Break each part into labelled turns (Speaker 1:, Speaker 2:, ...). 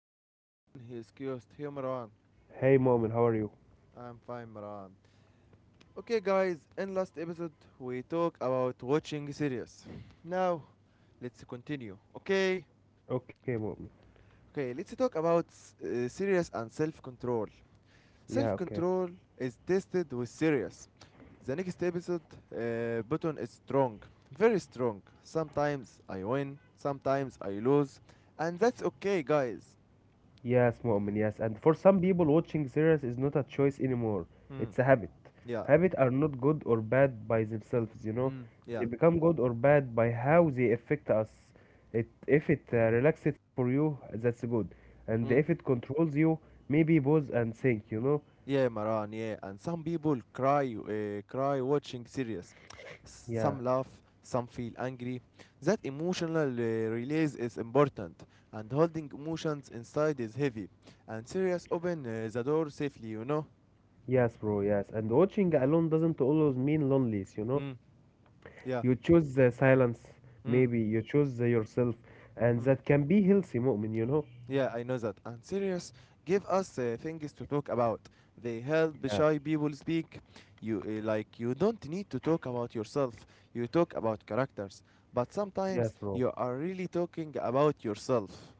Speaker 1: and here is Marwan, he is Qst. Here Marwan.
Speaker 2: Hey Momin, how are you?
Speaker 1: I am fine Marwan. Okay guys, in last episode we talk about watching series. Now let's continue. Okay?
Speaker 2: Okay, Momin.
Speaker 1: Okay, let's talk about series and self-control.
Speaker 2: Yeah, okay.
Speaker 1: Self-control is tested with series. The next episode button is strong. Very strong. Sometimes I win, sometimes I lose, and that's okay guys.
Speaker 2: Yes, Momin, yes. And for some people, watching series is not a choice anymore.
Speaker 1: Hmm.
Speaker 2: It's a habit.
Speaker 1: Yeah,
Speaker 2: Habits are not good or bad by themselves, you know.
Speaker 1: mm.
Speaker 2: They
Speaker 1: Yeah,
Speaker 2: become good or bad by how they affect us. It, if it relaxes for you, that's good. And if
Speaker 1: mm.
Speaker 2: it controls you, maybe pause and think, you know.
Speaker 1: Yeah, Maran. Yeah, and some people cry, cry watching series.
Speaker 2: Yeah.
Speaker 1: Some laugh, some feel angry. That emotional release is important, and holding emotions inside is heavy. And series open the door safely, you know.
Speaker 2: Yes, bro, yes. And watching alone doesn't always mean loneliness, you know.
Speaker 1: Mm. Yeah.
Speaker 2: You choose the silence,
Speaker 1: Mm.
Speaker 2: maybe you choose the yourself, and
Speaker 1: Mm.
Speaker 2: that can be healthy, Mu'min, you know?
Speaker 1: Yeah, I know that. And serious, give us things to talk about. They help
Speaker 2: Yeah,
Speaker 1: shy people speak. You like you don't need to talk about yourself. You talk about characters, but sometimes
Speaker 2: yes, bro.
Speaker 1: you are really talking about yourself.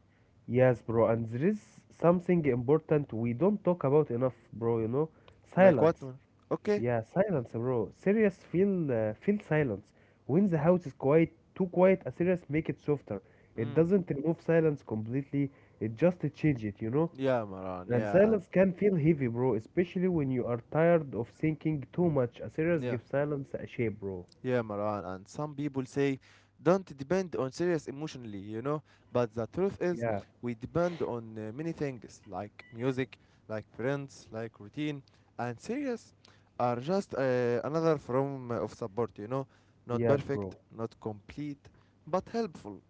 Speaker 2: Yes, bro. And there is something important we don't talk about enough, bro, you know?
Speaker 1: Like what?
Speaker 2: Silence.
Speaker 1: Okay.
Speaker 2: Yeah, silence, bro. Serious feel feel silence. When the house is quiet, too quiet, a serious make it softer. It
Speaker 1: Mm.
Speaker 2: doesn't remove silence completely. It just change it, you know?
Speaker 1: Yeah, Maran.
Speaker 2: And
Speaker 1: Yeah, and
Speaker 2: silence can feel heavy, bro, especially when you are tired of thinking too much. A series
Speaker 1: yeah.
Speaker 2: gives silence a shape, bro.
Speaker 1: Yeah, Maran, and some people say don't depend on serious emotionally, you know. But the truth
Speaker 2: Yeah,
Speaker 1: is, we depend on many things like music, like friends, like routine, and serious are just another form of support, you know. Not
Speaker 2: yes,
Speaker 1: perfect,
Speaker 2: bro.
Speaker 1: not complete, but helpful.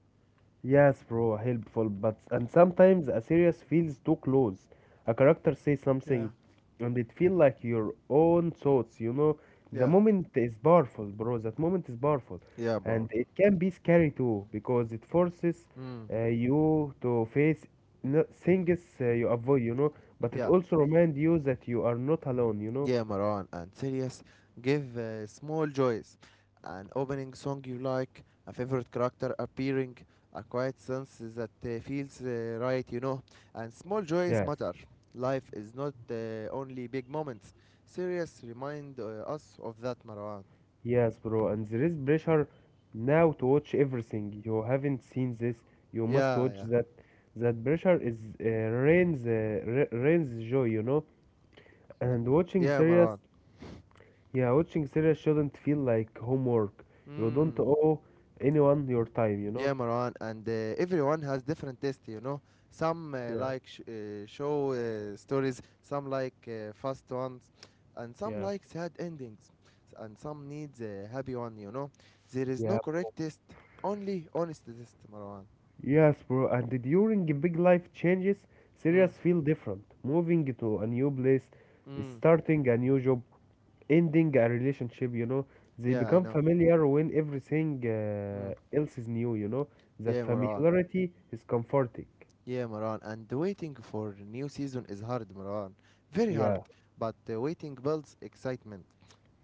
Speaker 2: Yes, bro, helpful, but and sometimes a series feels too close. A character says
Speaker 1: Yeah.
Speaker 2: something, and it feels like your own thoughts. You know, the
Speaker 1: Yeah,
Speaker 2: moment is powerful, bro. That moment is powerful,
Speaker 1: yeah, bro.
Speaker 2: and it can be scary too because it forces
Speaker 1: Mm,
Speaker 2: you to face things you avoid. You know, but it
Speaker 1: yeah.
Speaker 2: also reminds you that you are not alone. You know.
Speaker 1: Yeah, Maran, and Sirius give small joys, an opening song you like, a favorite character appearing, a quiet sense that feels right, you know. And small joys
Speaker 2: Yes.
Speaker 1: matter. Life is not only big moments. Sirius remind us of that, Maran.
Speaker 2: Yes, bro, and there is pressure now to watch everything. You haven't seen this, you must
Speaker 1: Yeah,
Speaker 2: watch
Speaker 1: yeah,
Speaker 2: that. That pressure is rains joy, you know. And watching
Speaker 1: yeah,
Speaker 2: series,
Speaker 1: Maran.
Speaker 2: yeah, watching series shouldn't feel like homework. You don't
Speaker 1: Mm.
Speaker 2: owe anyone your time, you know.
Speaker 1: Yeah, Marwan, and everyone has different taste, you know. Some uh,
Speaker 2: Yeah.
Speaker 1: like sh- uh, show stories, some like fast ones, and some
Speaker 2: Yeah,
Speaker 1: like sad endings, and some needs a happy one, you know. There is
Speaker 2: yeah,
Speaker 1: no correct taste, only honest taste, Marwan.
Speaker 2: yes, bro. And during big life changes, series
Speaker 1: Mm,
Speaker 2: feel different. Moving to a new place,
Speaker 1: mm,
Speaker 2: starting a new job, ending a relationship, you know, they
Speaker 1: yeah, I
Speaker 2: become
Speaker 1: know.
Speaker 2: familiar when everything
Speaker 1: Mm,
Speaker 2: else is new, you know,
Speaker 1: yeah,
Speaker 2: that
Speaker 1: Marwan.
Speaker 2: familiarity is comforting.
Speaker 1: Yeah, Marwan. And waiting for new season is hard, Marwan. Very hard,
Speaker 2: Yeah,
Speaker 1: but waiting builds excitement.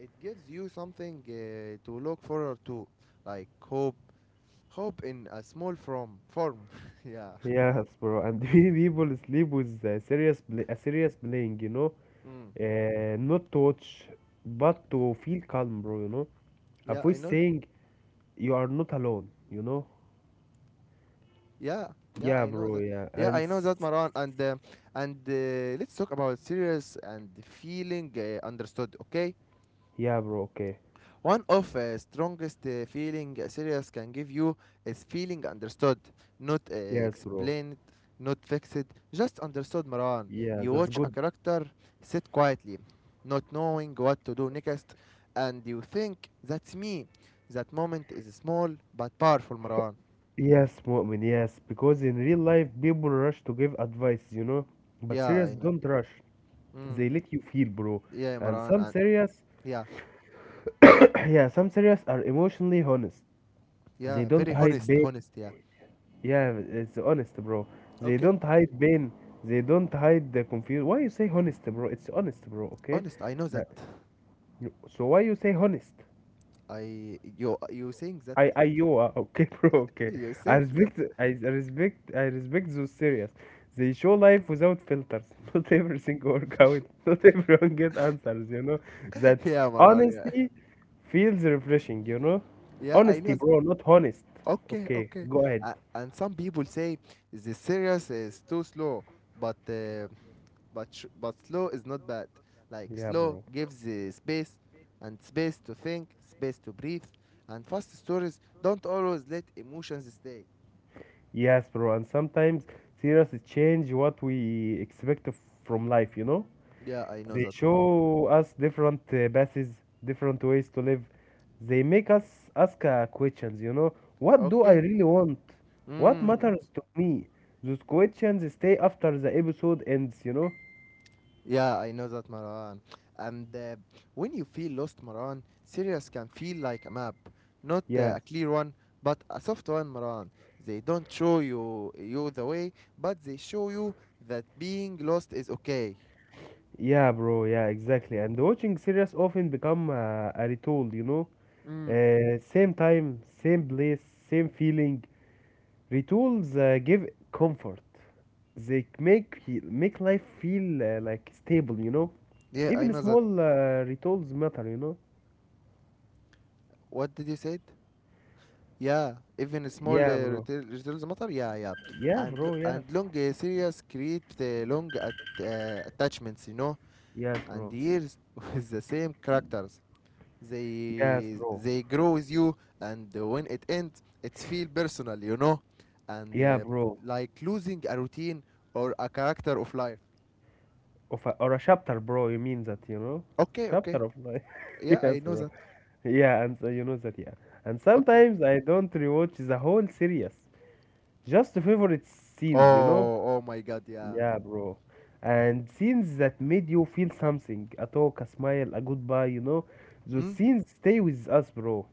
Speaker 1: It gives you something to look forward to, like hope, hope in a small form. Form, yeah,
Speaker 2: yes, bro. And many people sleep with a serious a serious playing, you know,
Speaker 1: mm.
Speaker 2: not to watch but to feel calm, bro, you know,
Speaker 1: Yeah,
Speaker 2: avoid
Speaker 1: I know.
Speaker 2: saying you are not alone, you know.
Speaker 1: Yeah, yeah,
Speaker 2: Yeah,
Speaker 1: I know
Speaker 2: bro,
Speaker 1: that.
Speaker 2: yeah.
Speaker 1: Yeah,
Speaker 2: And
Speaker 1: I know that,
Speaker 2: s-
Speaker 1: Maran, and let's talk about serious and feeling understood, okay?
Speaker 2: yeah, bro, okay.
Speaker 1: One of the strongest feeling a series can give you is feeling understood, not
Speaker 2: Yes, bro.
Speaker 1: explained, not fixed, just understood Maran.
Speaker 2: Yeah,
Speaker 1: You
Speaker 2: that's
Speaker 1: watch a
Speaker 2: good.
Speaker 1: character sit quietly, not knowing what to do next, and you think, that's me. That moment is small but powerful Maran.
Speaker 2: Yes, Mu'min, yes, because in real life people rush to give advice, you know, but
Speaker 1: Yeah,
Speaker 2: serious
Speaker 1: I know.
Speaker 2: don't rush.
Speaker 1: Mm.
Speaker 2: They let you feel, bro.
Speaker 1: Yeah,
Speaker 2: And
Speaker 1: Maran.
Speaker 2: some
Speaker 1: And
Speaker 2: serious,
Speaker 1: yeah,
Speaker 2: yeah, some serious are emotionally honest. They
Speaker 1: yeah,
Speaker 2: don't
Speaker 1: very
Speaker 2: hide
Speaker 1: honest,
Speaker 2: pain.
Speaker 1: honest, yeah.
Speaker 2: Yeah, it's honest, bro. They
Speaker 1: Okay,
Speaker 2: don't hide pain. They don't hide the confusion. Why you say honest, bro? It's honest, bro, okay?
Speaker 1: honest, I know that.
Speaker 2: Uh, you- so why you say honest?
Speaker 1: I you you saying that
Speaker 2: I you are okay, bro. Okay,
Speaker 1: you
Speaker 2: I
Speaker 1: saying that
Speaker 2: respect I I respect those series. They show life without filters. Not everything work out. Not everyone get answers. You know that
Speaker 1: yeah, Maran. Yeah,
Speaker 2: honesty feels refreshing. You know,
Speaker 1: yeah. I know.
Speaker 2: honesty, bro, not honest.
Speaker 1: Okay,
Speaker 2: Okay,
Speaker 1: okay.
Speaker 2: go ahead.
Speaker 1: And some people say the series is too slow, but uh, but slow is not bad. Like
Speaker 2: Yeah,
Speaker 1: slow
Speaker 2: bro.
Speaker 1: gives the space and space to think, space to breathe, and fast stories don't always let emotions stay.
Speaker 2: Yes, bro. And sometimes series change what we expect of- from life. You know.
Speaker 1: Yeah, I know
Speaker 2: They
Speaker 1: that, Maran.
Speaker 2: show us different paths, different ways to live. They make us ask questions, you know, what do I
Speaker 1: Okay.
Speaker 2: really want? What
Speaker 1: Mm.
Speaker 2: matters to me? Those questions stay after the episode ends, you know?
Speaker 1: Yeah, I know that, Maran. And when you feel lost, Maran, Sirius can feel like a map. Not
Speaker 2: Yeah.
Speaker 1: a clear one, but a soft one, Maran. They don't show you the way, but they show you that being lost is okay.
Speaker 2: Yeah, bro. Yeah, exactly. And watching series often become a ritual, you know?
Speaker 1: Mm.
Speaker 2: Same time, same place, same feeling. Rituals give comfort. They make life feel like stable, you know.
Speaker 1: Yeah, I
Speaker 2: Even
Speaker 1: know that.
Speaker 2: small rituals matter, you know.
Speaker 1: What did you say? Yeah, even small
Speaker 2: Yeah, bro.
Speaker 1: retails matter. Yeah, yeah.
Speaker 2: Yeah,
Speaker 1: And
Speaker 2: bro. Yeah.
Speaker 1: and long Sirius create attachments, you know,
Speaker 2: Yes,
Speaker 1: and
Speaker 2: bro.
Speaker 1: years with the same characters.
Speaker 2: Yes,
Speaker 1: they
Speaker 2: bro.
Speaker 1: they grow with you, and when it ends it's feel personal, you know, and
Speaker 2: Yeah, bro.
Speaker 1: like losing a routine or a character of life.
Speaker 2: Of a, or a chapter, bro. You mean that, you know?
Speaker 1: Okay, okay,
Speaker 2: Chapter of life.
Speaker 1: yeah,
Speaker 2: Yes,
Speaker 1: I know
Speaker 2: bro.
Speaker 1: that.
Speaker 2: Yeah, and so you know that, yeah. And
Speaker 1: Okay.
Speaker 2: sometimes I don't rewatch the whole series, just the favorite scenes, you know.
Speaker 1: Oh, oh my god, yeah.
Speaker 2: Yeah, bro. And scenes that made you feel something, a talk, a smile, a goodbye, you know, those
Speaker 1: Mm?
Speaker 2: scenes stay with us, bro.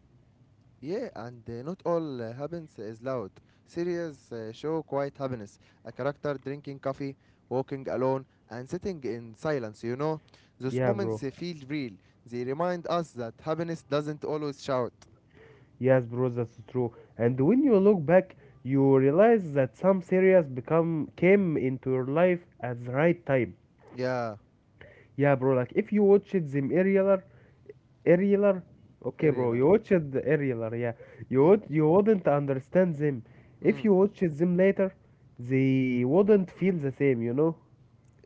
Speaker 1: Yeah, and not all happens is loud. Series show quiet happiness, a character drinking coffee, walking alone and sitting in silence, you know. Those
Speaker 2: Yeah, bro.
Speaker 1: moments feel real. They remind us that happiness doesn't always shout.
Speaker 2: Yes, bro, that's true. And when you look back, you realize that some series become came into your life at the right time.
Speaker 1: Yeah,
Speaker 2: Yeah, bro. Like if you watched them earlier, earlier, okay, bro.
Speaker 1: irregular.
Speaker 2: You watched the earlier, yeah. You
Speaker 1: Yeah.
Speaker 2: would you wouldn't understand them.
Speaker 1: Mm.
Speaker 2: If you watched them later, they wouldn't feel the same, you know.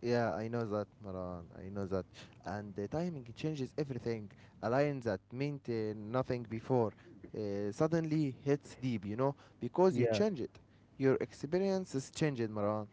Speaker 1: Yeah, I know that, Maran. I know that. And the timing changes everything. A line that meant nothing before suddenly hits deep, you know, because you
Speaker 2: Yeah,
Speaker 1: change it. Your experience is changed, Maran.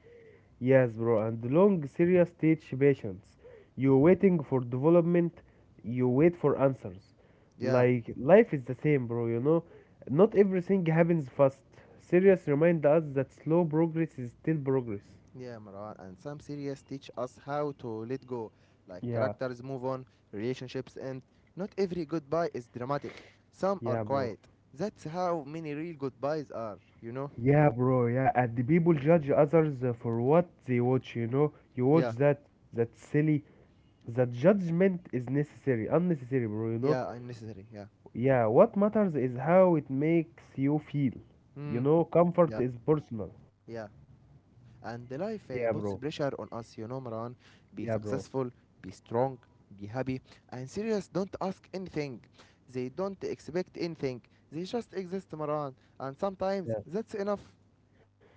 Speaker 2: yes, bro. And long serious stage patience. You're waiting for development, you wait for answers.
Speaker 1: Yeah,
Speaker 2: Like life is the same, bro, you know? Not everything happens fast. Serious remind us that slow progress is still progress.
Speaker 1: yeah, Maran. And some series teach us how to let go. Like
Speaker 2: Yeah,
Speaker 1: characters move on, relationships end. Not every goodbye is dramatic. Some are
Speaker 2: yeah, bro.
Speaker 1: quiet. That's how many real goodbyes are, you know?
Speaker 2: Yeah, bro, yeah. And the people judge others for what they watch, you know? You
Speaker 1: Yeah.
Speaker 2: watch that, that's silly. That judgment is necessary, unnecessary, bro, you know?
Speaker 1: Yeah, unnecessary. Yeah.
Speaker 2: Yeah, what matters is how it makes you feel. You
Speaker 1: Mm.
Speaker 2: know, comfort
Speaker 1: Yeah.
Speaker 2: is personal.
Speaker 1: Yeah. And the life
Speaker 2: Yeah, bro.
Speaker 1: puts pressure on us, you know, Maran. Be
Speaker 2: Yeah, bro.
Speaker 1: successful, be strong, be happy. And serious, don't ask anything. They don't expect anything. They just exist, Maran. And
Speaker 2: Yeah.
Speaker 1: sometimes that's enough.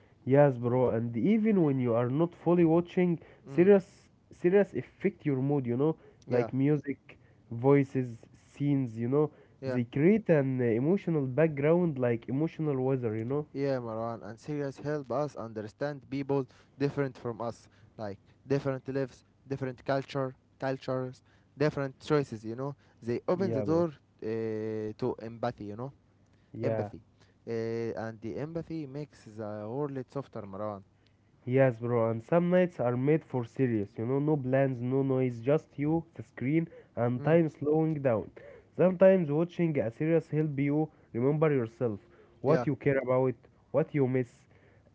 Speaker 2: Yes, bro. And even when you are not fully watching,
Speaker 1: Mm.
Speaker 2: serious serious affect your mood, you know, like
Speaker 1: Yeah.
Speaker 2: music, voices, scenes, you know.
Speaker 1: Yeah.
Speaker 2: They create an emotional background like emotional weather, you know?
Speaker 1: Yeah, Maran. And serious help us understand people different from us, like different lives, different cultures, different choices, you know. They open
Speaker 2: Yeah,
Speaker 1: the
Speaker 2: bro.
Speaker 1: door to empathy, you know,
Speaker 2: Yeah.
Speaker 1: empathy. And the empathy makes the world softer, Marwan.
Speaker 2: Yes, bro, and some nights are made for serious, you know, no plans, no noise, just you, the screen, and
Speaker 1: Mm.
Speaker 2: time slowing down. Sometimes watching a series help you remember yourself,
Speaker 1: Yeah.
Speaker 2: what you care about, what you miss.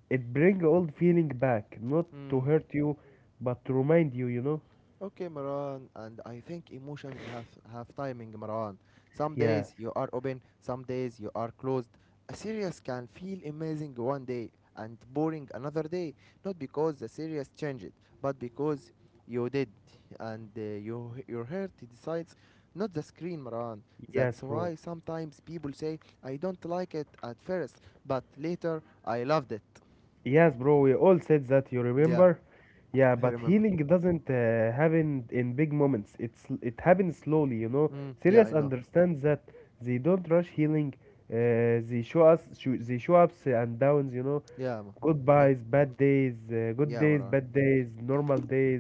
Speaker 2: It bring old feeling back, not to
Speaker 1: Mm.
Speaker 2: hurt you, but to remind you, you know?
Speaker 1: Okay, Maran, and I think emotions have timing, Maran. Some
Speaker 2: Yes,
Speaker 1: days you are open, some days you are closed. A series can feel amazing one day and boring another day, not because the series changed, but because you did, and your heart decides, not the screen, Maran.
Speaker 2: yes,
Speaker 1: That's
Speaker 2: bro.
Speaker 1: why sometimes people say I don't like it at first, but later I loved it.
Speaker 2: Yes, bro, we all said that, you
Speaker 1: Yeah,
Speaker 2: remember? Yeah,
Speaker 1: I
Speaker 2: but
Speaker 1: remember.
Speaker 2: healing doesn't happen in big moments. It happens slowly, you know.
Speaker 1: Mm, yeah,
Speaker 2: Serious
Speaker 1: I know.
Speaker 2: understands that they don't rush healing. They show us sho they show ups and downs, you know.
Speaker 1: Yeah, Ma- yeah,
Speaker 2: Goodbyes, bad days, good
Speaker 1: yeah,
Speaker 2: days,
Speaker 1: Maran.
Speaker 2: bad days, normal days,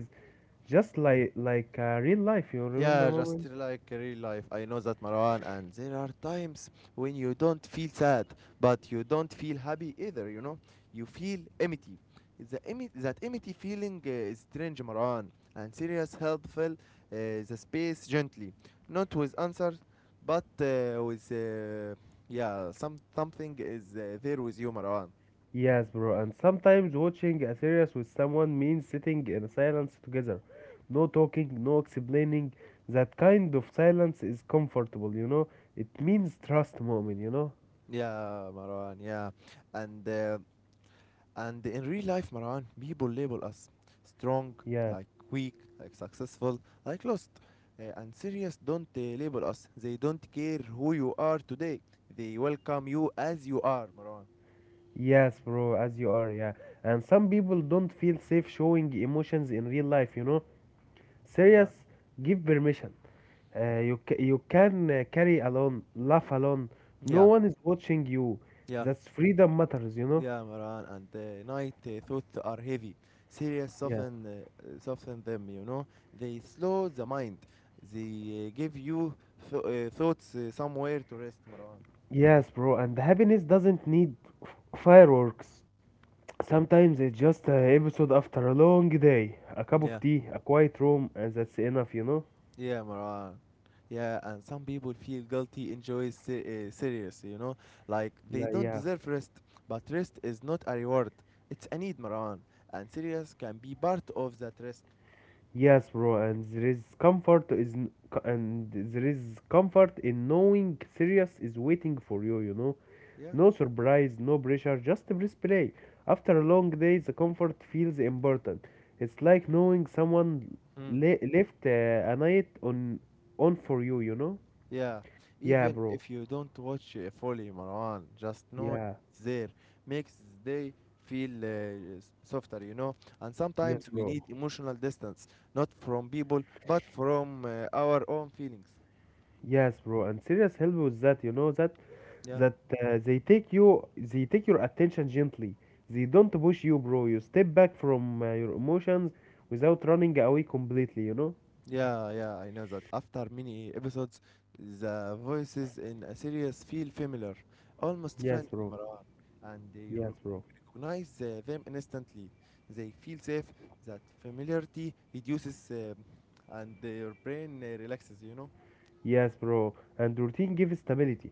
Speaker 2: just like real life, you remember,
Speaker 1: Yeah, just
Speaker 2: moment?
Speaker 1: like real life. I know that Marwan, and there are times when you don't feel sad, but you don't feel happy either. You know, you feel empty. The that empty feeling is strange, Marwan, and serious help fill the space gently, not with answers, but with yeah, some something is there with you, Marwan.
Speaker 2: Yes, bro, and sometimes watching a series with someone means sitting in silence together. No talking, no explaining. That kind of silence is comfortable, you know? It means trust moment, you know?
Speaker 1: Yeah, Marwan. Yeah, and. Uh, And in real life, Maran, people label us strong,
Speaker 2: Yeah.
Speaker 1: like weak, like successful, like lost. And serious don't label us. They don't care who you are today. They welcome you as you are, Maran.
Speaker 2: Yes, bro, as you are, yeah. And some people don't feel safe showing emotions in real life, you know?
Speaker 1: Yeah.
Speaker 2: Serious, give permission. You can carry alone, laugh alone. No
Speaker 1: Yeah,
Speaker 2: one is watching you.
Speaker 1: yeah,
Speaker 2: That's freedom matters, you know?
Speaker 1: yeah, Maran. And night thoughts are heavy. Serious
Speaker 2: Yeah.
Speaker 1: soften them. You know, they slow the mind. They give you thoughts somewhere to rest, Maran.
Speaker 2: Yes, bro, and happiness doesn't need fireworks. Sometimes it's just an episode after a long day, a cup
Speaker 1: Yeah.
Speaker 2: of tea, a quiet room, and that's enough, you know?
Speaker 1: Yeah, Maran. Yeah, and some people feel guilty enjoy serious, you know, like they
Speaker 2: Like,
Speaker 1: don't
Speaker 2: yeah.
Speaker 1: deserve rest, but rest is not a reward. It's a need, Maran, and serious can be part of that rest.
Speaker 2: Yes, bro, and there is comfort is n- co- and there is comfort in knowing Sirius is waiting for you, you know?
Speaker 1: Yeah.
Speaker 2: No surprise, no pressure, just breathe play. After a long day, the comfort feels important. It's like knowing someone
Speaker 1: Hmm.
Speaker 2: left a night on for you, you know?
Speaker 1: Yeah.
Speaker 2: Yeah,
Speaker 1: Even
Speaker 2: bro.
Speaker 1: if you don't watch fully, Maran, just know
Speaker 2: Yeah.
Speaker 1: it's there makes the day feel softer, you know. And
Speaker 2: Yes,
Speaker 1: sometimes we
Speaker 2: bro.
Speaker 1: need emotional distance, not from people, but from our own feelings.
Speaker 2: Yes, bro. And serious help with that, you know that
Speaker 1: Yeah.
Speaker 2: that they take your attention gently. They don't push you, bro. You step back from your emotions without running away completely, you know?
Speaker 1: Yeah, yeah, I know that. After many episodes, the voices in a series feel familiar, almost
Speaker 2: Yes,
Speaker 1: friendly,
Speaker 2: bro.
Speaker 1: Marwan, and you
Speaker 2: Yes, bro.
Speaker 1: recognize them instantly. They feel safe. That familiarity reduces, and your brain relaxes. You know.
Speaker 2: Yes, bro. And routine gives stability.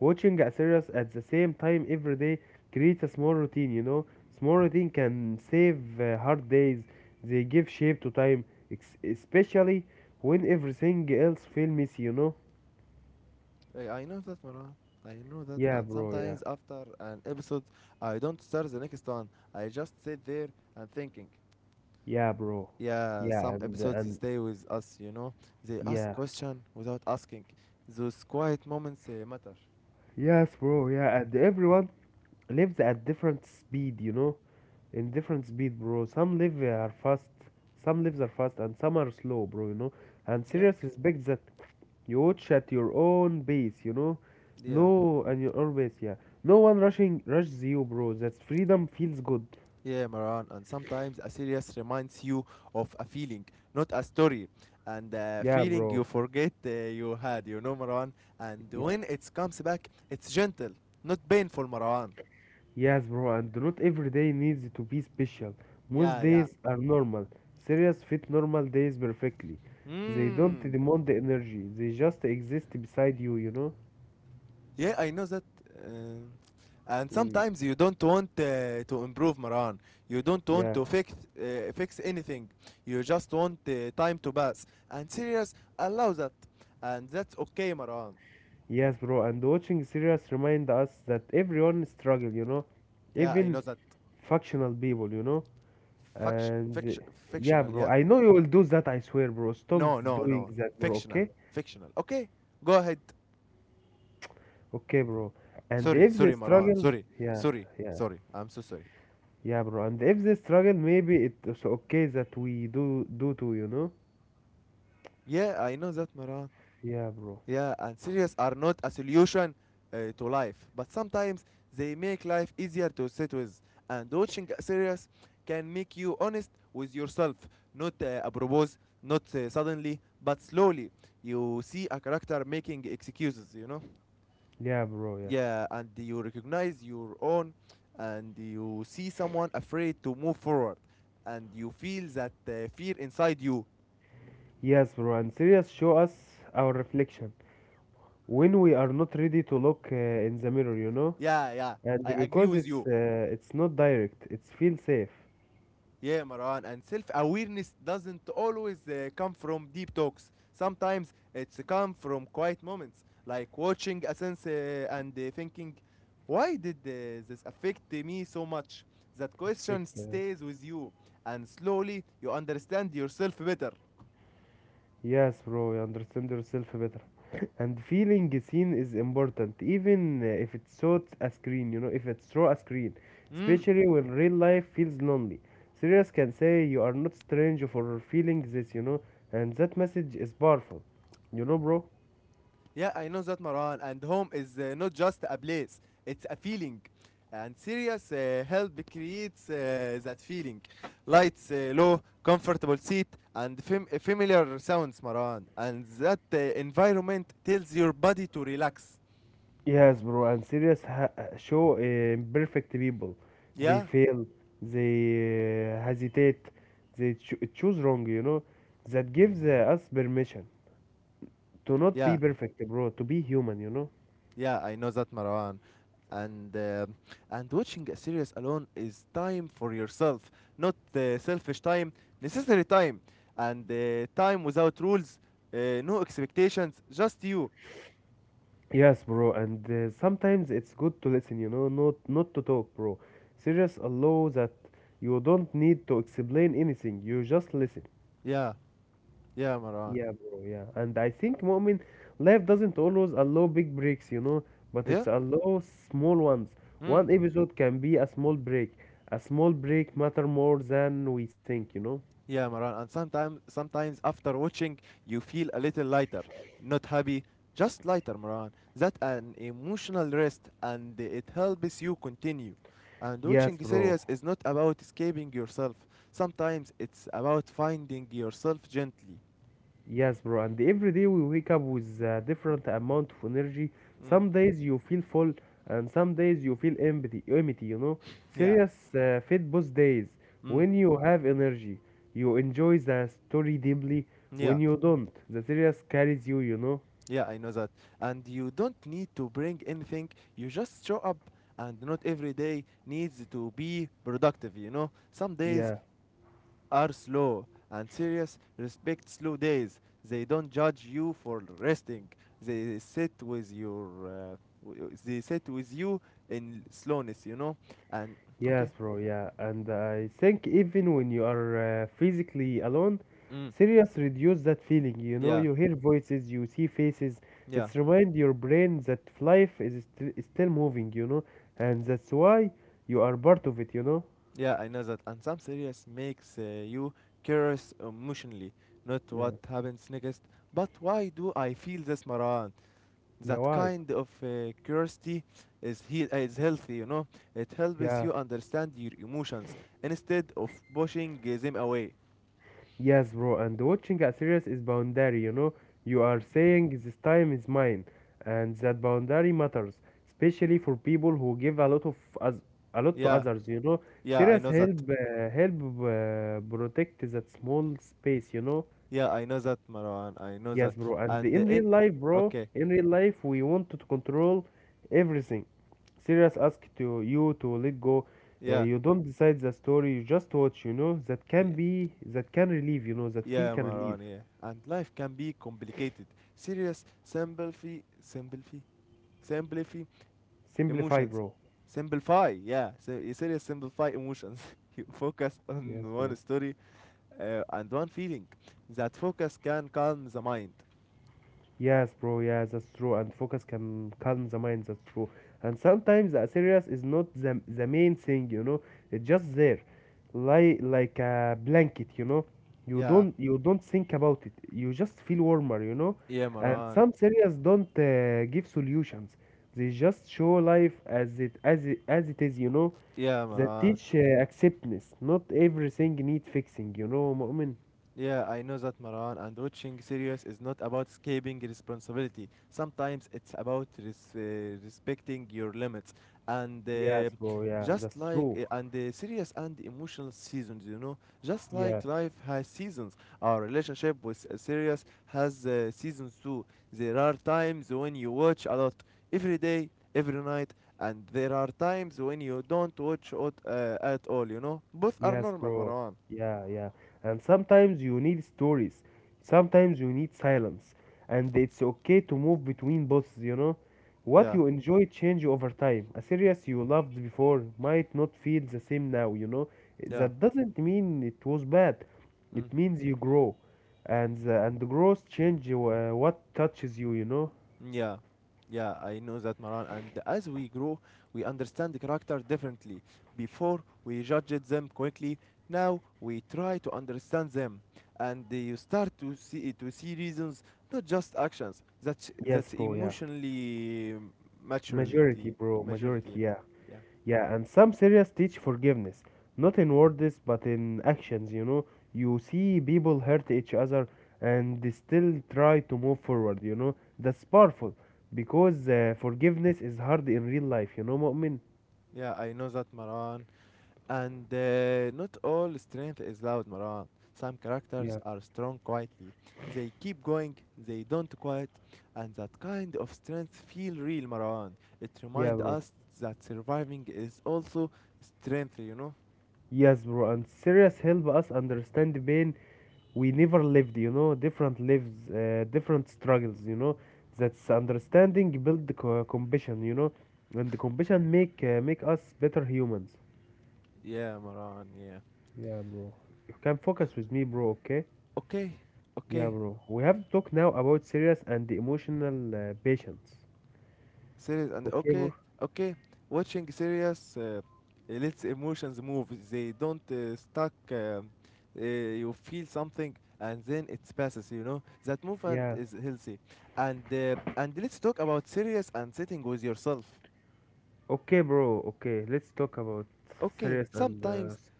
Speaker 2: Watching a series at the same time every day creates a small routine, you know. Small routine can save hard days. They give shape to time, especially when everything else feel messy, you know.
Speaker 1: I know that, Marwan. I know that.
Speaker 2: Yeah,
Speaker 1: And
Speaker 2: bro. Yeah.
Speaker 1: sometimes after an episode, I don't start the next one. I just sit there and thinking.
Speaker 2: Yeah, bro.
Speaker 1: Yeah,
Speaker 2: Yeah,
Speaker 1: some episodes
Speaker 2: and
Speaker 1: stay with us, you know. They ask
Speaker 2: yeah.
Speaker 1: question without asking. Those quiet moments matter.
Speaker 2: Yes, bro. Yeah, and everyone lives at different speed, you know. In different speed, bro, some lives are fast and some are slow, bro, you know. And
Speaker 1: Yeah?
Speaker 2: serious respect that. You watch at your own pace, you know.
Speaker 1: Yeah.
Speaker 2: No and your own pace, yeah. No one rushing rushes you, bro. That freedom feels good.
Speaker 1: Yeah, Maran. And sometimes a serious reminds you of a feeling, not a story. And a
Speaker 2: Yeah,
Speaker 1: feeling
Speaker 2: bro,
Speaker 1: you forget you had, you know, Maran. And
Speaker 2: yeah.
Speaker 1: when it comes back, it's gentle, not painful, Maran.
Speaker 2: Yes, bro. And not every day needs to be special. Most
Speaker 1: Yeah, yeah.
Speaker 2: days are normal. Serious fit normal days perfectly. They don't
Speaker 1: Mmm.
Speaker 2: demand the energy. They just exist beside you, you know.
Speaker 1: Yeah, I know that. Um, and
Speaker 2: Mm,
Speaker 1: sometimes you don't want to improve Maran. You don't want
Speaker 2: yeah.
Speaker 1: to fix anything. You just want time to pass. And serious allow that. And that's okay, Maran.
Speaker 2: Yes, bro, and watching series remind us that everyone struggle, you know,
Speaker 1: Yeah, I
Speaker 2: even
Speaker 1: know that.
Speaker 2: functional people, you know, and the- yeah,
Speaker 1: Fictional.
Speaker 2: bro,
Speaker 1: Yeah.
Speaker 2: I know you will do that, I swear, bro. Stop
Speaker 1: No, no,
Speaker 2: doing
Speaker 1: no.
Speaker 2: that, bro. Okay,
Speaker 1: Fictional. Okay, go ahead.
Speaker 2: okay, bro. And
Speaker 1: Sorry,
Speaker 2: if they
Speaker 1: sorry, Maran.
Speaker 2: struggle,
Speaker 1: Sorry,
Speaker 2: yeah,
Speaker 1: sorry,
Speaker 2: yeah,
Speaker 1: sorry. I'm so sorry.
Speaker 2: yeah, bro. And if they struggle, maybe it's okay that we do too, you know.
Speaker 1: Yeah, I know that, Maran.
Speaker 2: Yeah, bro.
Speaker 1: Yeah, and cereals are not a solution to life, but sometimes they make life easier to sit with. And watching serials can make you honest with yourself, not apropos, not suddenly, but slowly. You see a character making excuses, you know?
Speaker 2: Yeah, bro. Yeah.
Speaker 1: Yeah, and you recognize your own, and you see someone afraid to move forward, and you feel that fear inside you.
Speaker 2: Yes, bro. And series show us our reflection when we are not ready to look in the mirror, you know.
Speaker 1: Yeah, yeah,
Speaker 2: And
Speaker 1: I agree
Speaker 2: because
Speaker 1: with
Speaker 2: it's
Speaker 1: you.
Speaker 2: not direct, it's feel safe.
Speaker 1: Yeah, Maran, and self awareness doesn't always come from deep talks. Sometimes it's come from quiet moments, like watching a sense and thinking, why did this affect me so much? That question
Speaker 2: Perfect. Uh,
Speaker 1: stays with you, and slowly you understand yourself better.
Speaker 2: yes, bro, you understand yourself better. And feeling seen is important, even if it's through a screen, you know, if it's through a screen,
Speaker 1: Mm.
Speaker 2: especially when real life feels lonely. Serious can say you are not strange for feeling this, you know. And that message is powerful, you know, bro.
Speaker 1: Yeah, I know that, Maran. And home is not just a place, it's a feeling. And serious help creates that feeling. Lights low, comfortable seat, and familiar sounds, Maran. And that environment tells your body to relax.
Speaker 2: Yes, bro, and serious ha show imperfect people. They
Speaker 1: Yeah?
Speaker 2: fail, they hesitate, they choose wrong, you know. That gives us permission to not be
Speaker 1: Yeah.
Speaker 2: perfect, bro, to be human, you know.
Speaker 1: Yeah, I know that, Marwan. And uh, and watching a series alone is time for yourself, not selfish time, necessary time, and time without rules, no expectations, just you.
Speaker 2: Yes, bro, and sometimes it's good to listen, you know, not to talk, bro. Serious allow that you don't need to explain anything, you just listen.
Speaker 1: Yeah, yeah, Marwan.
Speaker 2: Yeah, bro, yeah. And I think, Mu'min, life doesn't always allow big breaks, you know, but
Speaker 1: Yeah.
Speaker 2: it's allow small ones.
Speaker 1: Mm.
Speaker 2: One episode can be a small break. A small break matter more than we think, you know?
Speaker 1: Yeah, Maran. And sometimes after watching, you feel a little lighter, not happy, just lighter, Maran. That an emotional rest, and it helps you continue. And
Speaker 2: Yes,
Speaker 1: watching
Speaker 2: bro.
Speaker 1: series is not about escaping yourself. Sometimes it's about finding yourself gently.
Speaker 2: Yes, bro. And every day we wake up with a different amount of energy.
Speaker 1: Mm,
Speaker 2: Some days you feel full, and some days you feel empty. Empty, you know.
Speaker 1: yeah.
Speaker 2: Serious fit both days.
Speaker 1: Mm,
Speaker 2: When you have energy, you enjoy the story deeply.
Speaker 1: yeah.
Speaker 2: When you don't, the serious carries you. You know.
Speaker 1: Yeah, I know that. And you don't need to bring anything. You just show up, and not every day needs to be productive. You know, some days
Speaker 2: Yeah.
Speaker 1: are slow and serious, respect slow days. They don't judge you for resting. They sit with your, they sit with you in slowness, you know. And okay,
Speaker 2: Yes, bro, yeah. And I think even when you are physically alone,
Speaker 1: mm,
Speaker 2: serious reduce that feeling. You know,
Speaker 1: yeah,
Speaker 2: you hear voices, you see faces.
Speaker 1: yeah,
Speaker 2: It's remind your brain that is still moving, you know, and that's why you are part of it, you know?
Speaker 1: yeah. I know that. And some serious makes you curious emotionally, not what
Speaker 2: Yeah.
Speaker 1: happens next, but why do I feel this, Maran?
Speaker 2: Yeah,
Speaker 1: That
Speaker 2: why?
Speaker 1: kind of curiosity is healthy, you know. It helps
Speaker 2: Yeah.
Speaker 1: you understand your emotions instead of pushing them away.
Speaker 2: Yes, bro, and watching a series is boundary, you know. You are saying this time is mine, and that boundary matters, especially for people who give a lot of us a lot to
Speaker 1: Yeah,
Speaker 2: others, you know.
Speaker 1: yeah, I
Speaker 2: Series
Speaker 1: know that.
Speaker 2: help uh, help protect that small space, you know.
Speaker 1: Yeah, I know that, Marwan, I know that.
Speaker 2: Yes, bro, and
Speaker 1: and uh,
Speaker 2: in
Speaker 1: in
Speaker 2: real life, bro,
Speaker 1: okay,
Speaker 2: in real life, we want to control everything. Serious ask to you to let go.
Speaker 1: yeah,
Speaker 2: You don't decide the story, you just watch, you know.
Speaker 1: y-
Speaker 2: That can relieve, you know, that feel
Speaker 1: yeah,
Speaker 2: can relieve.
Speaker 1: Marwan. Yeah, and life can be complicated. Serious sympathy
Speaker 2: Simplify,
Speaker 1: emotions
Speaker 2: bro.
Speaker 1: simplify, yeah. So you serious simplify emotions. You focus on
Speaker 2: Yes, bro.
Speaker 1: one story, and one feeling. That focus can calm the mind.
Speaker 2: Yes, bro. Yes, that's true. And focus can calm the mind. That's true. And sometimes the serious is not the main thing, you know. It's just there, like a blanket, you know. You
Speaker 1: Yeah,
Speaker 2: don't you don't think about it. You just feel warmer, you know.
Speaker 1: yeah,
Speaker 2: And
Speaker 1: Maran.
Speaker 2: some serious don't give solutions. They just show life as it is, you know.
Speaker 1: Yeah,
Speaker 2: That
Speaker 1: Maran.
Speaker 2: teach acceptance. Not everything need fixing, you know, Mu'min.
Speaker 1: Yeah, I know that, Maran, and watching series is not about escaping responsibility. Sometimes it's about respecting your limits. And
Speaker 2: Yes, bro. Yeah,
Speaker 1: just
Speaker 2: that's
Speaker 1: like,
Speaker 2: true.
Speaker 1: and Serious and emotional seasons, you know, just
Speaker 2: Yeah,
Speaker 1: like life has seasons, our relationship with serious has seasons too. There are times when you watch a lot, every day, every night, and there are times when you don't watch it, at all, you know. Both are
Speaker 2: yes,
Speaker 1: normal,
Speaker 2: bro.
Speaker 1: Marwan.
Speaker 2: Yeah, yeah. And sometimes you need stories. Sometimes you need silence. And it's okay to move between both, you know? What
Speaker 1: Yeah,
Speaker 2: you enjoy change over time. A series you loved before might not feel the same now, you know?
Speaker 1: yeah.
Speaker 2: That doesn't mean it was bad. It
Speaker 1: Mm.
Speaker 2: means you grow. And and the growth change what touches you, you know?
Speaker 1: Yeah, yeah, I know that, Maran. And as we grow, we understand the character differently. Before, we judged them quickly. Now, we try to understand them, and you start to see reasons, not just actions. That's
Speaker 2: Yes,
Speaker 1: that's
Speaker 2: bro, yeah.
Speaker 1: emotionally
Speaker 2: Majority,
Speaker 1: maturity,
Speaker 2: bro.
Speaker 1: maturity.
Speaker 2: Majority, yeah.
Speaker 1: Yeah,
Speaker 2: Yeah, and some serious teach forgiveness, not in words but in actions, you know. You see people hurt each other and they still try to move forward, you know. That's powerful because forgiveness is hard in real life, you know, Mu'min?
Speaker 1: yeah, I know that, Maran. And not all strength is loud, Maran. Some
Speaker 2: Yeah,
Speaker 1: characters are strong quietly. They keep going, they don't quit, and that kind of strength feel real, Maran. It
Speaker 2: yeah,
Speaker 1: reminds
Speaker 2: bro.
Speaker 1: us that surviving is also strength, you know?
Speaker 2: Yes, bro, and serious help us understand the pain we never lived, you know, different lives, different struggles, you know. That's understanding build the co- compassion, you know, and the compassion make us better humans.
Speaker 1: Yeah, Maran, yeah.
Speaker 2: Yeah, bro. You can focus with me, bro, okay?
Speaker 1: Okay,
Speaker 2: Yeah,
Speaker 1: okay,
Speaker 2: bro. We have to talk now about serious and emotional patients.
Speaker 1: serious and
Speaker 2: Okay, bro?
Speaker 1: okay, okay. Watching serious, it lets emotions move, they don't stuck, you feel something and then it passes, you know. That movement
Speaker 2: Yeah.
Speaker 1: is healthy. And let's talk about serious and sitting with yourself.
Speaker 2: Okay, bro. Okay, let's talk about
Speaker 1: Okay,
Speaker 2: serious and uh,
Speaker 1: sometimes,
Speaker 2: s-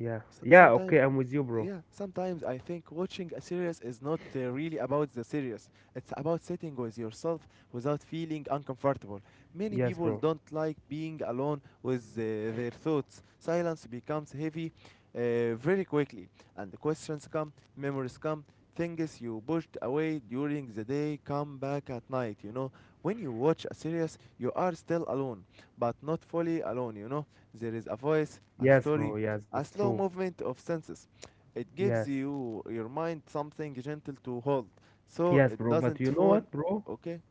Speaker 2: yeah. Yeah,
Speaker 1: sometimes,
Speaker 2: okay, I'm with you, bro.
Speaker 1: yeah, sometimes I think watching a series is not really about the series. It's about sitting with yourself without feeling uncomfortable. Many
Speaker 2: Yes,
Speaker 1: people
Speaker 2: bro.
Speaker 1: don't like being alone with their thoughts. Silence becomes heavy very quickly, and the questions come, memories come, things you pushed away during the day come back at night, you know. When you watch a series, you are still alone, but not fully alone, you know. There is a voice, a
Speaker 2: Yes,
Speaker 1: story,
Speaker 2: bro. Yes,
Speaker 1: a
Speaker 2: that's
Speaker 1: slow
Speaker 2: true.
Speaker 1: movement of senses. It
Speaker 2: Yes.
Speaker 1: gives you your mind something gentle to hold, so
Speaker 2: Yes,
Speaker 1: it
Speaker 2: bro. But
Speaker 1: doesn't
Speaker 2: you know
Speaker 1: fall.
Speaker 2: what, bro?
Speaker 1: Okay.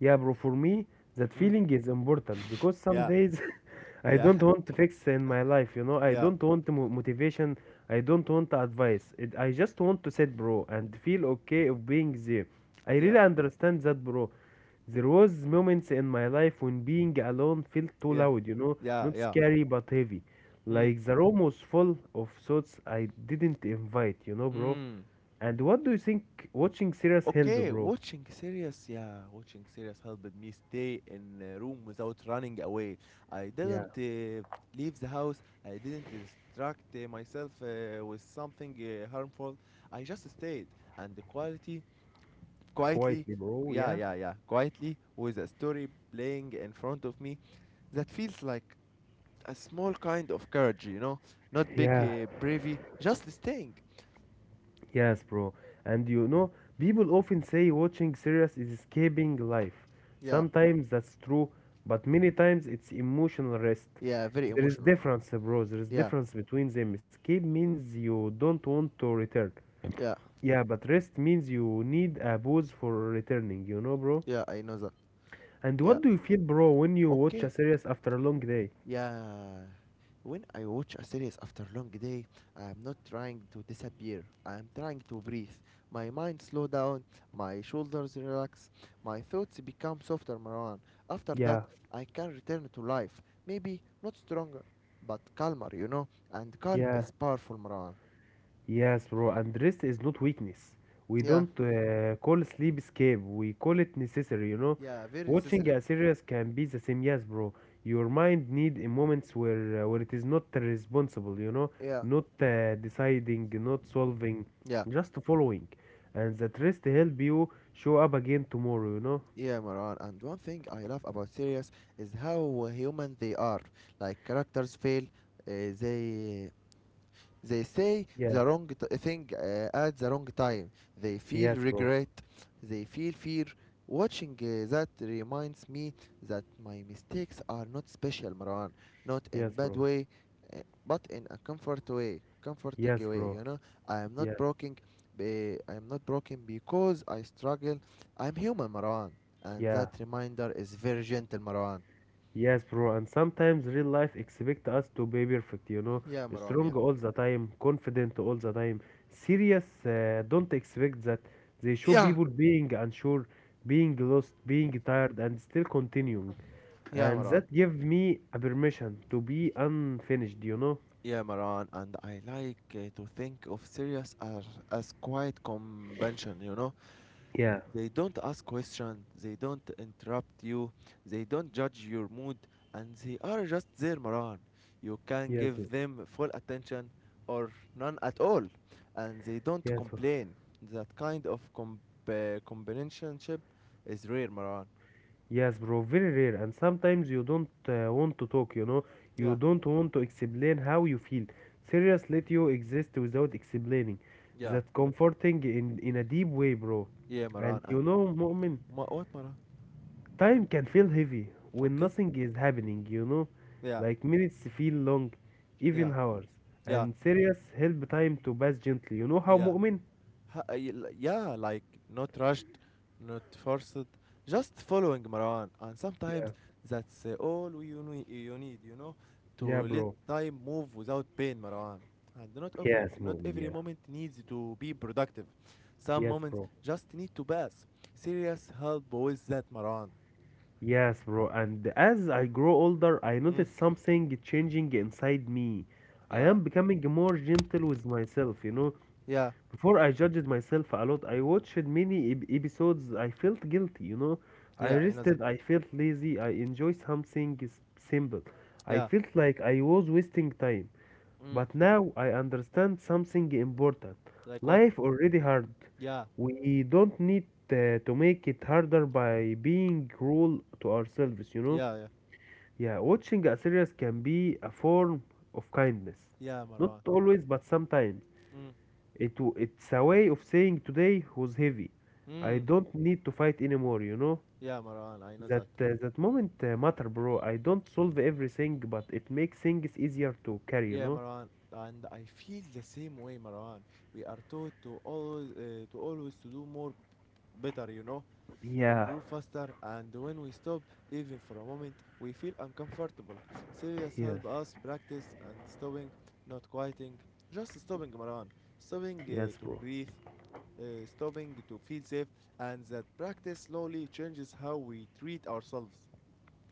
Speaker 2: Yeah, bro, for me, that
Speaker 1: Mm.
Speaker 2: feeling is important because some
Speaker 1: Yeah.
Speaker 2: days I
Speaker 1: Yeah.
Speaker 2: don't want to fix in my life, you know. I
Speaker 1: Yeah.
Speaker 2: don't want mo- motivation, I don't want advice. I just want to sit, bro, and feel okay of being there. I
Speaker 1: Yeah.
Speaker 2: really understand that, bro. There was moments in my life when being alone felt too
Speaker 1: Yeah.
Speaker 2: loud, you know,
Speaker 1: Yeah.
Speaker 2: not
Speaker 1: Yeah.
Speaker 2: scary but heavy.
Speaker 1: Mm.
Speaker 2: Like the room was full of thoughts I didn't invite, you know, bro.
Speaker 1: Mm.
Speaker 2: And what do you think watching series help,
Speaker 1: Okay.
Speaker 2: bro?
Speaker 1: Watching series. Yeah. Watching series helped me stay in a room without running away. I
Speaker 2: Yeah,
Speaker 1: didn't leave the house. I didn't distract myself with something harmful. I just stayed, and the quality quietly,
Speaker 2: quietly, bro. Yeah.
Speaker 1: yeah quietly with a story playing in front of me. That feels like a small kind of courage, you know, not big
Speaker 2: Yeah,
Speaker 1: bravery, just staying.
Speaker 2: yes, bro. And you know, people often say watching series is escaping life.
Speaker 1: Yeah,
Speaker 2: Sometimes that's true, but many times it's emotional rest.
Speaker 1: yeah, very
Speaker 2: There is
Speaker 1: emotional.
Speaker 2: difference, bro. There is
Speaker 1: Yeah,
Speaker 2: difference between them. Escape means you don't want to return.
Speaker 1: yeah,
Speaker 2: Yeah, but rest means you need a pause for returning, you know, bro?
Speaker 1: yeah, I know that.
Speaker 2: And
Speaker 1: Yeah,
Speaker 2: what do you feel, bro, when you watch a
Speaker 1: okay,
Speaker 2: series after a long day?
Speaker 1: yeah. When I watch a series after long day, I am not trying to disappear. I am trying to breathe. My mind slow down, my shoulders relax, my thoughts become softer, Marwan. After that,
Speaker 2: Yeah,
Speaker 1: I can return to life. Maybe not stronger, but calmer, you know. And calm
Speaker 2: yeah.
Speaker 1: is powerful, Marwan.
Speaker 2: Yes, bro, and rest is not weakness. We
Speaker 1: Yeah,
Speaker 2: don't call sleep escape, we call it necessary, you know.
Speaker 1: yeah, very
Speaker 2: Watching
Speaker 1: necessary.
Speaker 2: a series can be the same, yes, bro. Your mind need in moments where it is not responsible, you know,
Speaker 1: Yeah,
Speaker 2: not deciding, not solving,
Speaker 1: yeah,
Speaker 2: just following. And that rest help you show up again tomorrow, you know.
Speaker 1: yeah, Marwan. And one thing I love about series is how human they are. Like characters fail, they they say
Speaker 2: Yeah.
Speaker 1: the thing at the wrong time. They feel
Speaker 2: Yes, bro.
Speaker 1: regret. They feel fear. Watching that reminds me that my mistakes are not special, Marwan. Not
Speaker 2: Yes,
Speaker 1: in bad
Speaker 2: bro.
Speaker 1: way, uh, but in a comforting
Speaker 2: Yes,
Speaker 1: way.
Speaker 2: bro.
Speaker 1: You know, I am not
Speaker 2: Yeah.
Speaker 1: broken. I am not broken because I struggle. I'm human, Marwan, and
Speaker 2: Yeah.
Speaker 1: that reminder is very gentle, Marwan.
Speaker 2: Yes, bro, and sometimes real life expect us to be perfect, you know,
Speaker 1: Yeah, Marwan.
Speaker 2: strong
Speaker 1: Yeah.
Speaker 2: all the time, confident all the time, serious. Don't expect that. They show
Speaker 1: Yeah.
Speaker 2: people being unsure, being lost, being tired, and still continuing,
Speaker 1: Yeah,
Speaker 2: and
Speaker 1: Marwan.
Speaker 2: that give me a permission to be unfinished, you know.
Speaker 1: Yeah, Maran, and I like to think of Syrians as quiet convention, you know?
Speaker 2: Yeah.
Speaker 1: They don't ask questions, they don't interrupt you, they don't judge your mood, and they are just there, Maran. You can
Speaker 2: Yes, bro.
Speaker 1: give them full attention or none at all, and they don't
Speaker 2: Yes, bro.
Speaker 1: complain. That kind of companionship is rare, Maran.
Speaker 2: Yes, bro, very rare. And sometimes you don't want to talk, you know, you
Speaker 1: Yeah,
Speaker 2: don't want to explain how you feel. Serious, let you exist without explaining.
Speaker 1: yeah,
Speaker 2: That comforting in a deep way, bro.
Speaker 1: yeah,
Speaker 2: And
Speaker 1: Maran. And
Speaker 2: you know, moment,
Speaker 1: What, Maran?
Speaker 2: time can feel heavy when
Speaker 1: Okay,
Speaker 2: nothing is happening, you know,
Speaker 1: yeah,
Speaker 2: like minutes feel long,
Speaker 1: yeah,
Speaker 2: even hours.
Speaker 1: yeah,
Speaker 2: And serious help time to pass gently. You know how,
Speaker 1: yeah.
Speaker 2: moment?
Speaker 1: Yeah, like not rushed, not forced, just following, Marwan. And sometimes
Speaker 2: Yeah,
Speaker 1: that's you need, you know,
Speaker 2: yeah,
Speaker 1: to let
Speaker 2: bro.
Speaker 1: time move without pain, Marwan. And
Speaker 2: Yes,
Speaker 1: not
Speaker 2: moment,
Speaker 1: every
Speaker 2: yeah.
Speaker 1: moment needs to be productive. Some
Speaker 2: Yes,
Speaker 1: moments
Speaker 2: bro.
Speaker 1: just need to pass. Serious help with that, Marwan.
Speaker 2: Yes, bro. And as I grow older, I
Speaker 1: Mm.
Speaker 2: notice something changing inside me. I
Speaker 1: Yeah,
Speaker 2: am becoming more gentle with myself, you know.
Speaker 1: yeah,
Speaker 2: Before I judged myself a lot, I watched many ep- episodes. I felt guilty, you know. I
Speaker 1: yeah, I know that.
Speaker 2: rested, I felt lazy, I enjoyed something s- simple. I
Speaker 1: Yeah.
Speaker 2: felt like I was wasting time.
Speaker 1: Mm.
Speaker 2: But now I understand something important.
Speaker 1: Like what?
Speaker 2: Life already hard.
Speaker 1: Yeah,
Speaker 2: We don't need to make it harder by being cruel to ourselves, you know?
Speaker 1: yeah, yeah,
Speaker 2: Yeah, watching a series can be a form of kindness.
Speaker 1: yeah,
Speaker 2: Not
Speaker 1: Marwan.
Speaker 2: always, but sometimes.
Speaker 1: Mm.
Speaker 2: It's a way of saying today was heavy. I
Speaker 1: Mm.
Speaker 2: don't need to fight anymore, you know?
Speaker 1: Yeah, Marwan, I know that.
Speaker 2: That moment matter, bro. I don't solve everything, but it makes things easier to carry, you
Speaker 1: Yeah,
Speaker 2: know?
Speaker 1: Marwan, and I feel the same way, Marwan. We are taught to always to do more better, you know,
Speaker 2: Yeah.
Speaker 1: improve faster, and when we stop even for a moment, we feel uncomfortable. Serious
Speaker 2: Yes.
Speaker 1: help us practice and stopping, not quieting, just stopping, Marwan. Stopping
Speaker 2: Yes, bro.
Speaker 1: to breathe, stopping to feel safe, and that practice slowly changes how we treat ourselves.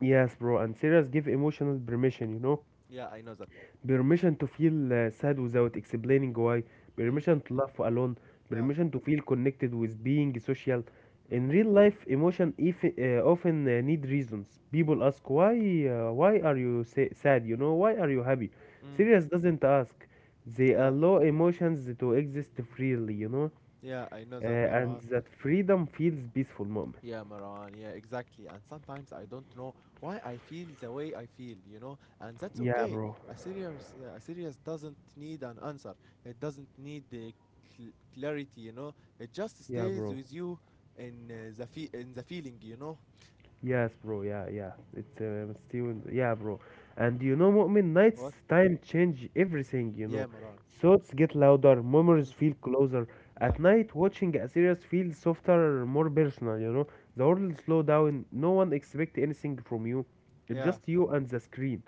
Speaker 2: Yes, bro. And serious give emotional permission, you know?
Speaker 1: Yeah, I know that.
Speaker 2: Permission to feel sad without explaining why.
Speaker 1: Mm,
Speaker 2: Permission to laugh alone.
Speaker 1: yeah.
Speaker 2: Permission to feel connected with being social.
Speaker 1: Mm,
Speaker 2: In real life, emotion if, often need reasons. People ask why are you sa- sad? You know, why are you happy?
Speaker 1: mm,
Speaker 2: Serious doesn't ask. They
Speaker 1: yeah.
Speaker 2: allow emotions to exist freely. You know,
Speaker 1: Yeah, I know that,
Speaker 2: and
Speaker 1: Marwan.
Speaker 2: that freedom feels peaceful moment.
Speaker 1: Yeah, Maran. Yeah, exactly. And sometimes I don't know why I feel the way I feel, you know, and that's
Speaker 2: Yeah,
Speaker 1: okay.
Speaker 2: bro.
Speaker 1: A serious, a serious doesn't need an answer. It doesn't need the clarity, you know. It just
Speaker 2: Yeah,
Speaker 1: stays
Speaker 2: bro.
Speaker 1: with you in in the feeling, you know.
Speaker 2: Yes, bro. Yeah, yeah. It's still, yeah, bro. And you know, Mu'min, nights
Speaker 1: What?
Speaker 2: time change everything. You
Speaker 1: Yeah,
Speaker 2: know,
Speaker 1: Maran.
Speaker 2: thoughts get louder, memories
Speaker 1: Mm.
Speaker 2: feel closer.
Speaker 1: Yeah,
Speaker 2: At night, watching a series feels softer, more personal. You know, the world slow down. No one expect anything from you. It's
Speaker 1: yeah.
Speaker 2: just you and the screen.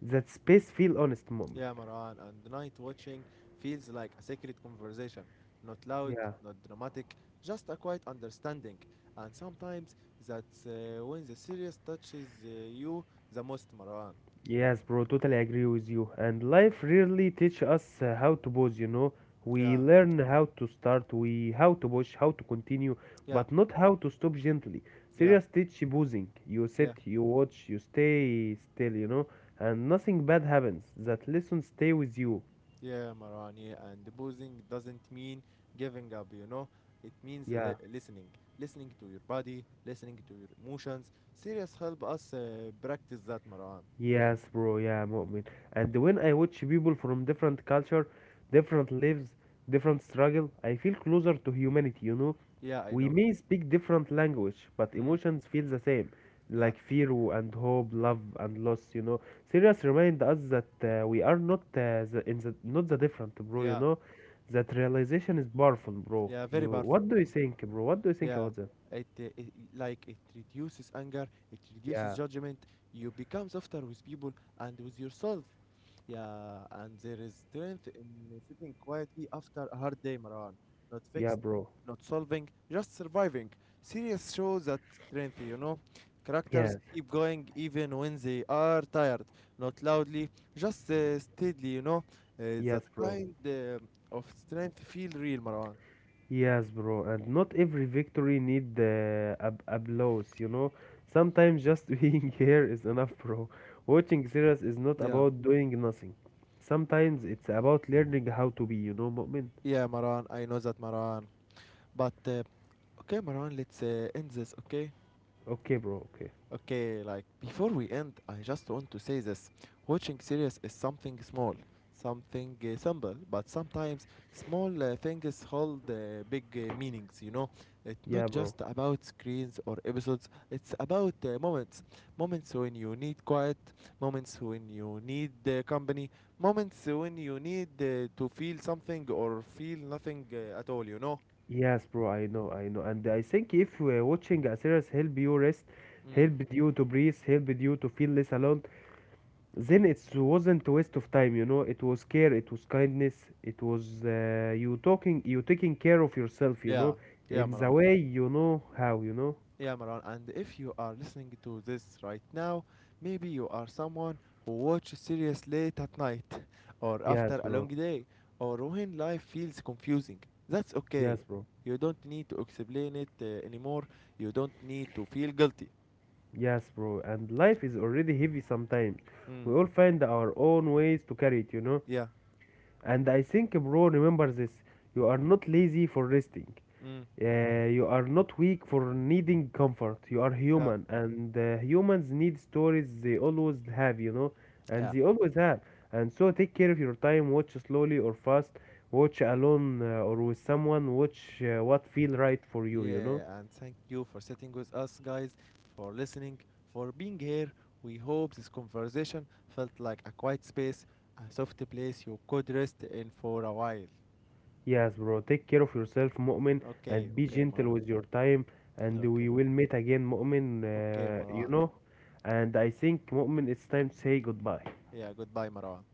Speaker 2: That space feel honest, Mu'min.
Speaker 1: Yeah, Marwan, and night watching feels like a secret conversation. Not loud,
Speaker 2: Yeah.
Speaker 1: not dramatic, just a quiet understanding. And sometimes that's when the serious touches you the most, Marwan.
Speaker 2: Yes, bro, totally agree with you. And life really teach us how to pause, you know. We
Speaker 1: Yeah,
Speaker 2: learn how to start, we how to push, how to continue,
Speaker 1: yeah,
Speaker 2: but not how to stop gently.
Speaker 1: yeah,
Speaker 2: Serious teach pausing. You
Speaker 1: yeah,
Speaker 2: sit, you watch, you stay still, you know, and nothing bad happens. That lesson stay with you.
Speaker 1: yeah, Marwan, yeah. And boozing doesn't mean giving up, you know? It means
Speaker 2: Yeah.
Speaker 1: listening. Listening to your body, listening to your emotions. Serious help us practice that, Marwan.
Speaker 2: Yes, bro. Yeah, Mu'min. And when I watch people from different culture, different lives, different struggle, I feel closer to humanity, you know.
Speaker 1: Yeah, I
Speaker 2: We
Speaker 1: know.
Speaker 2: may speak different language, but
Speaker 1: Mm,
Speaker 2: emotions feel the same,
Speaker 1: yeah,
Speaker 2: like fear and hope, love and loss. You know, Sirius remind us that we are not the different, bro. You
Speaker 1: yeah,
Speaker 2: know, that realization is powerful, bro.
Speaker 1: yeah, very powerful,
Speaker 2: What do you
Speaker 1: Marwan.
Speaker 2: think, bro? What do you think
Speaker 1: Yeah,
Speaker 2: about that?
Speaker 1: it like it reduces anger, it reduces
Speaker 2: Yeah,
Speaker 1: judgment. You become softer with people and with yourself. Yeah, and there is strength in sitting quietly after a hard day, Marwan. Not fixed,
Speaker 2: yeah, bro.
Speaker 1: not solving, just surviving. Series shows that strength, you know. Characters
Speaker 2: Yes,
Speaker 1: keep going even when they are tired, not loudly, just steadily, you know. That
Speaker 2: yes, bro.
Speaker 1: kind of strength feel real, Marwan.
Speaker 2: Yes, bro, and not every victory need applause, you know. Sometimes just being here is enough, bro. Watching series is not
Speaker 1: Yeah.
Speaker 2: about doing nothing. Sometimes it's about learning how to be, you know, moment.
Speaker 1: Yeah, Maran, I know that, Maran. But okay, Maran, let's end this, okay?
Speaker 2: Okay, bro, okay.
Speaker 1: Okay, like before we end, I just want to say this. Watching series is something small, something simple, but sometimes small things hold big meanings, you know? It's not
Speaker 2: Yeah, bro.
Speaker 1: just about screens or episodes, it's about moments. Moments when you need quiet, moments when you need company, moments when you need to feel something or feel nothing at all, you know?
Speaker 2: Yes, bro, I know, I know. And I think if watching a series help you rest,
Speaker 1: Mm.
Speaker 2: help you to breathe, help you to feel less alone, then it wasn't waste of time, you know. It was care, it was kindness, it was, you talking, you taking care of yourself, you
Speaker 1: Yeah,
Speaker 2: know,
Speaker 1: yeah,
Speaker 2: in the
Speaker 1: Maran.
Speaker 2: way you know how, you know.
Speaker 1: Yeah, Maran. And if you are listening to this right now, maybe you are someone who watches series late at night, or
Speaker 2: Yes,
Speaker 1: after a long
Speaker 2: bro.
Speaker 1: day, or when life feels confusing. That's okay.
Speaker 2: Yes, bro.
Speaker 1: You don't need to explain it anymore. You don't need to feel guilty.
Speaker 2: Yes, bro, and life is already heavy sometimes.
Speaker 1: Mm.
Speaker 2: We all find our own ways to carry it, you know.
Speaker 1: Yeah.
Speaker 2: And I think, bro, remember this: you are not lazy for resting.
Speaker 1: Mm.
Speaker 2: You are not weak for needing comfort. You are
Speaker 1: Yeah.
Speaker 2: human, and humans need stories, they always have, you know, and
Speaker 1: Yeah.
Speaker 2: they always have. And so take care of your time, watch slowly or fast, watch alone or with someone, watch what feel right for you, you know.
Speaker 1: Yeah, and thank you for sitting with us, guys, for listening, for being here. We hope this conversation felt like a quiet space, a soft place you could rest in for a while.
Speaker 2: Yes, bro, take care of yourself, Mu'min,
Speaker 1: Okay,
Speaker 2: and be
Speaker 1: okay,
Speaker 2: gentle
Speaker 1: Marwan.
Speaker 2: with your time, and
Speaker 1: Okay,
Speaker 2: we will meet again, Mu'min,
Speaker 1: okay,
Speaker 2: you
Speaker 1: Marwan.
Speaker 2: know. And I think, Mu'min, it's time to say goodbye.
Speaker 1: Yeah, goodbye, Marwan.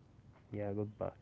Speaker 2: Yeah, goodbye.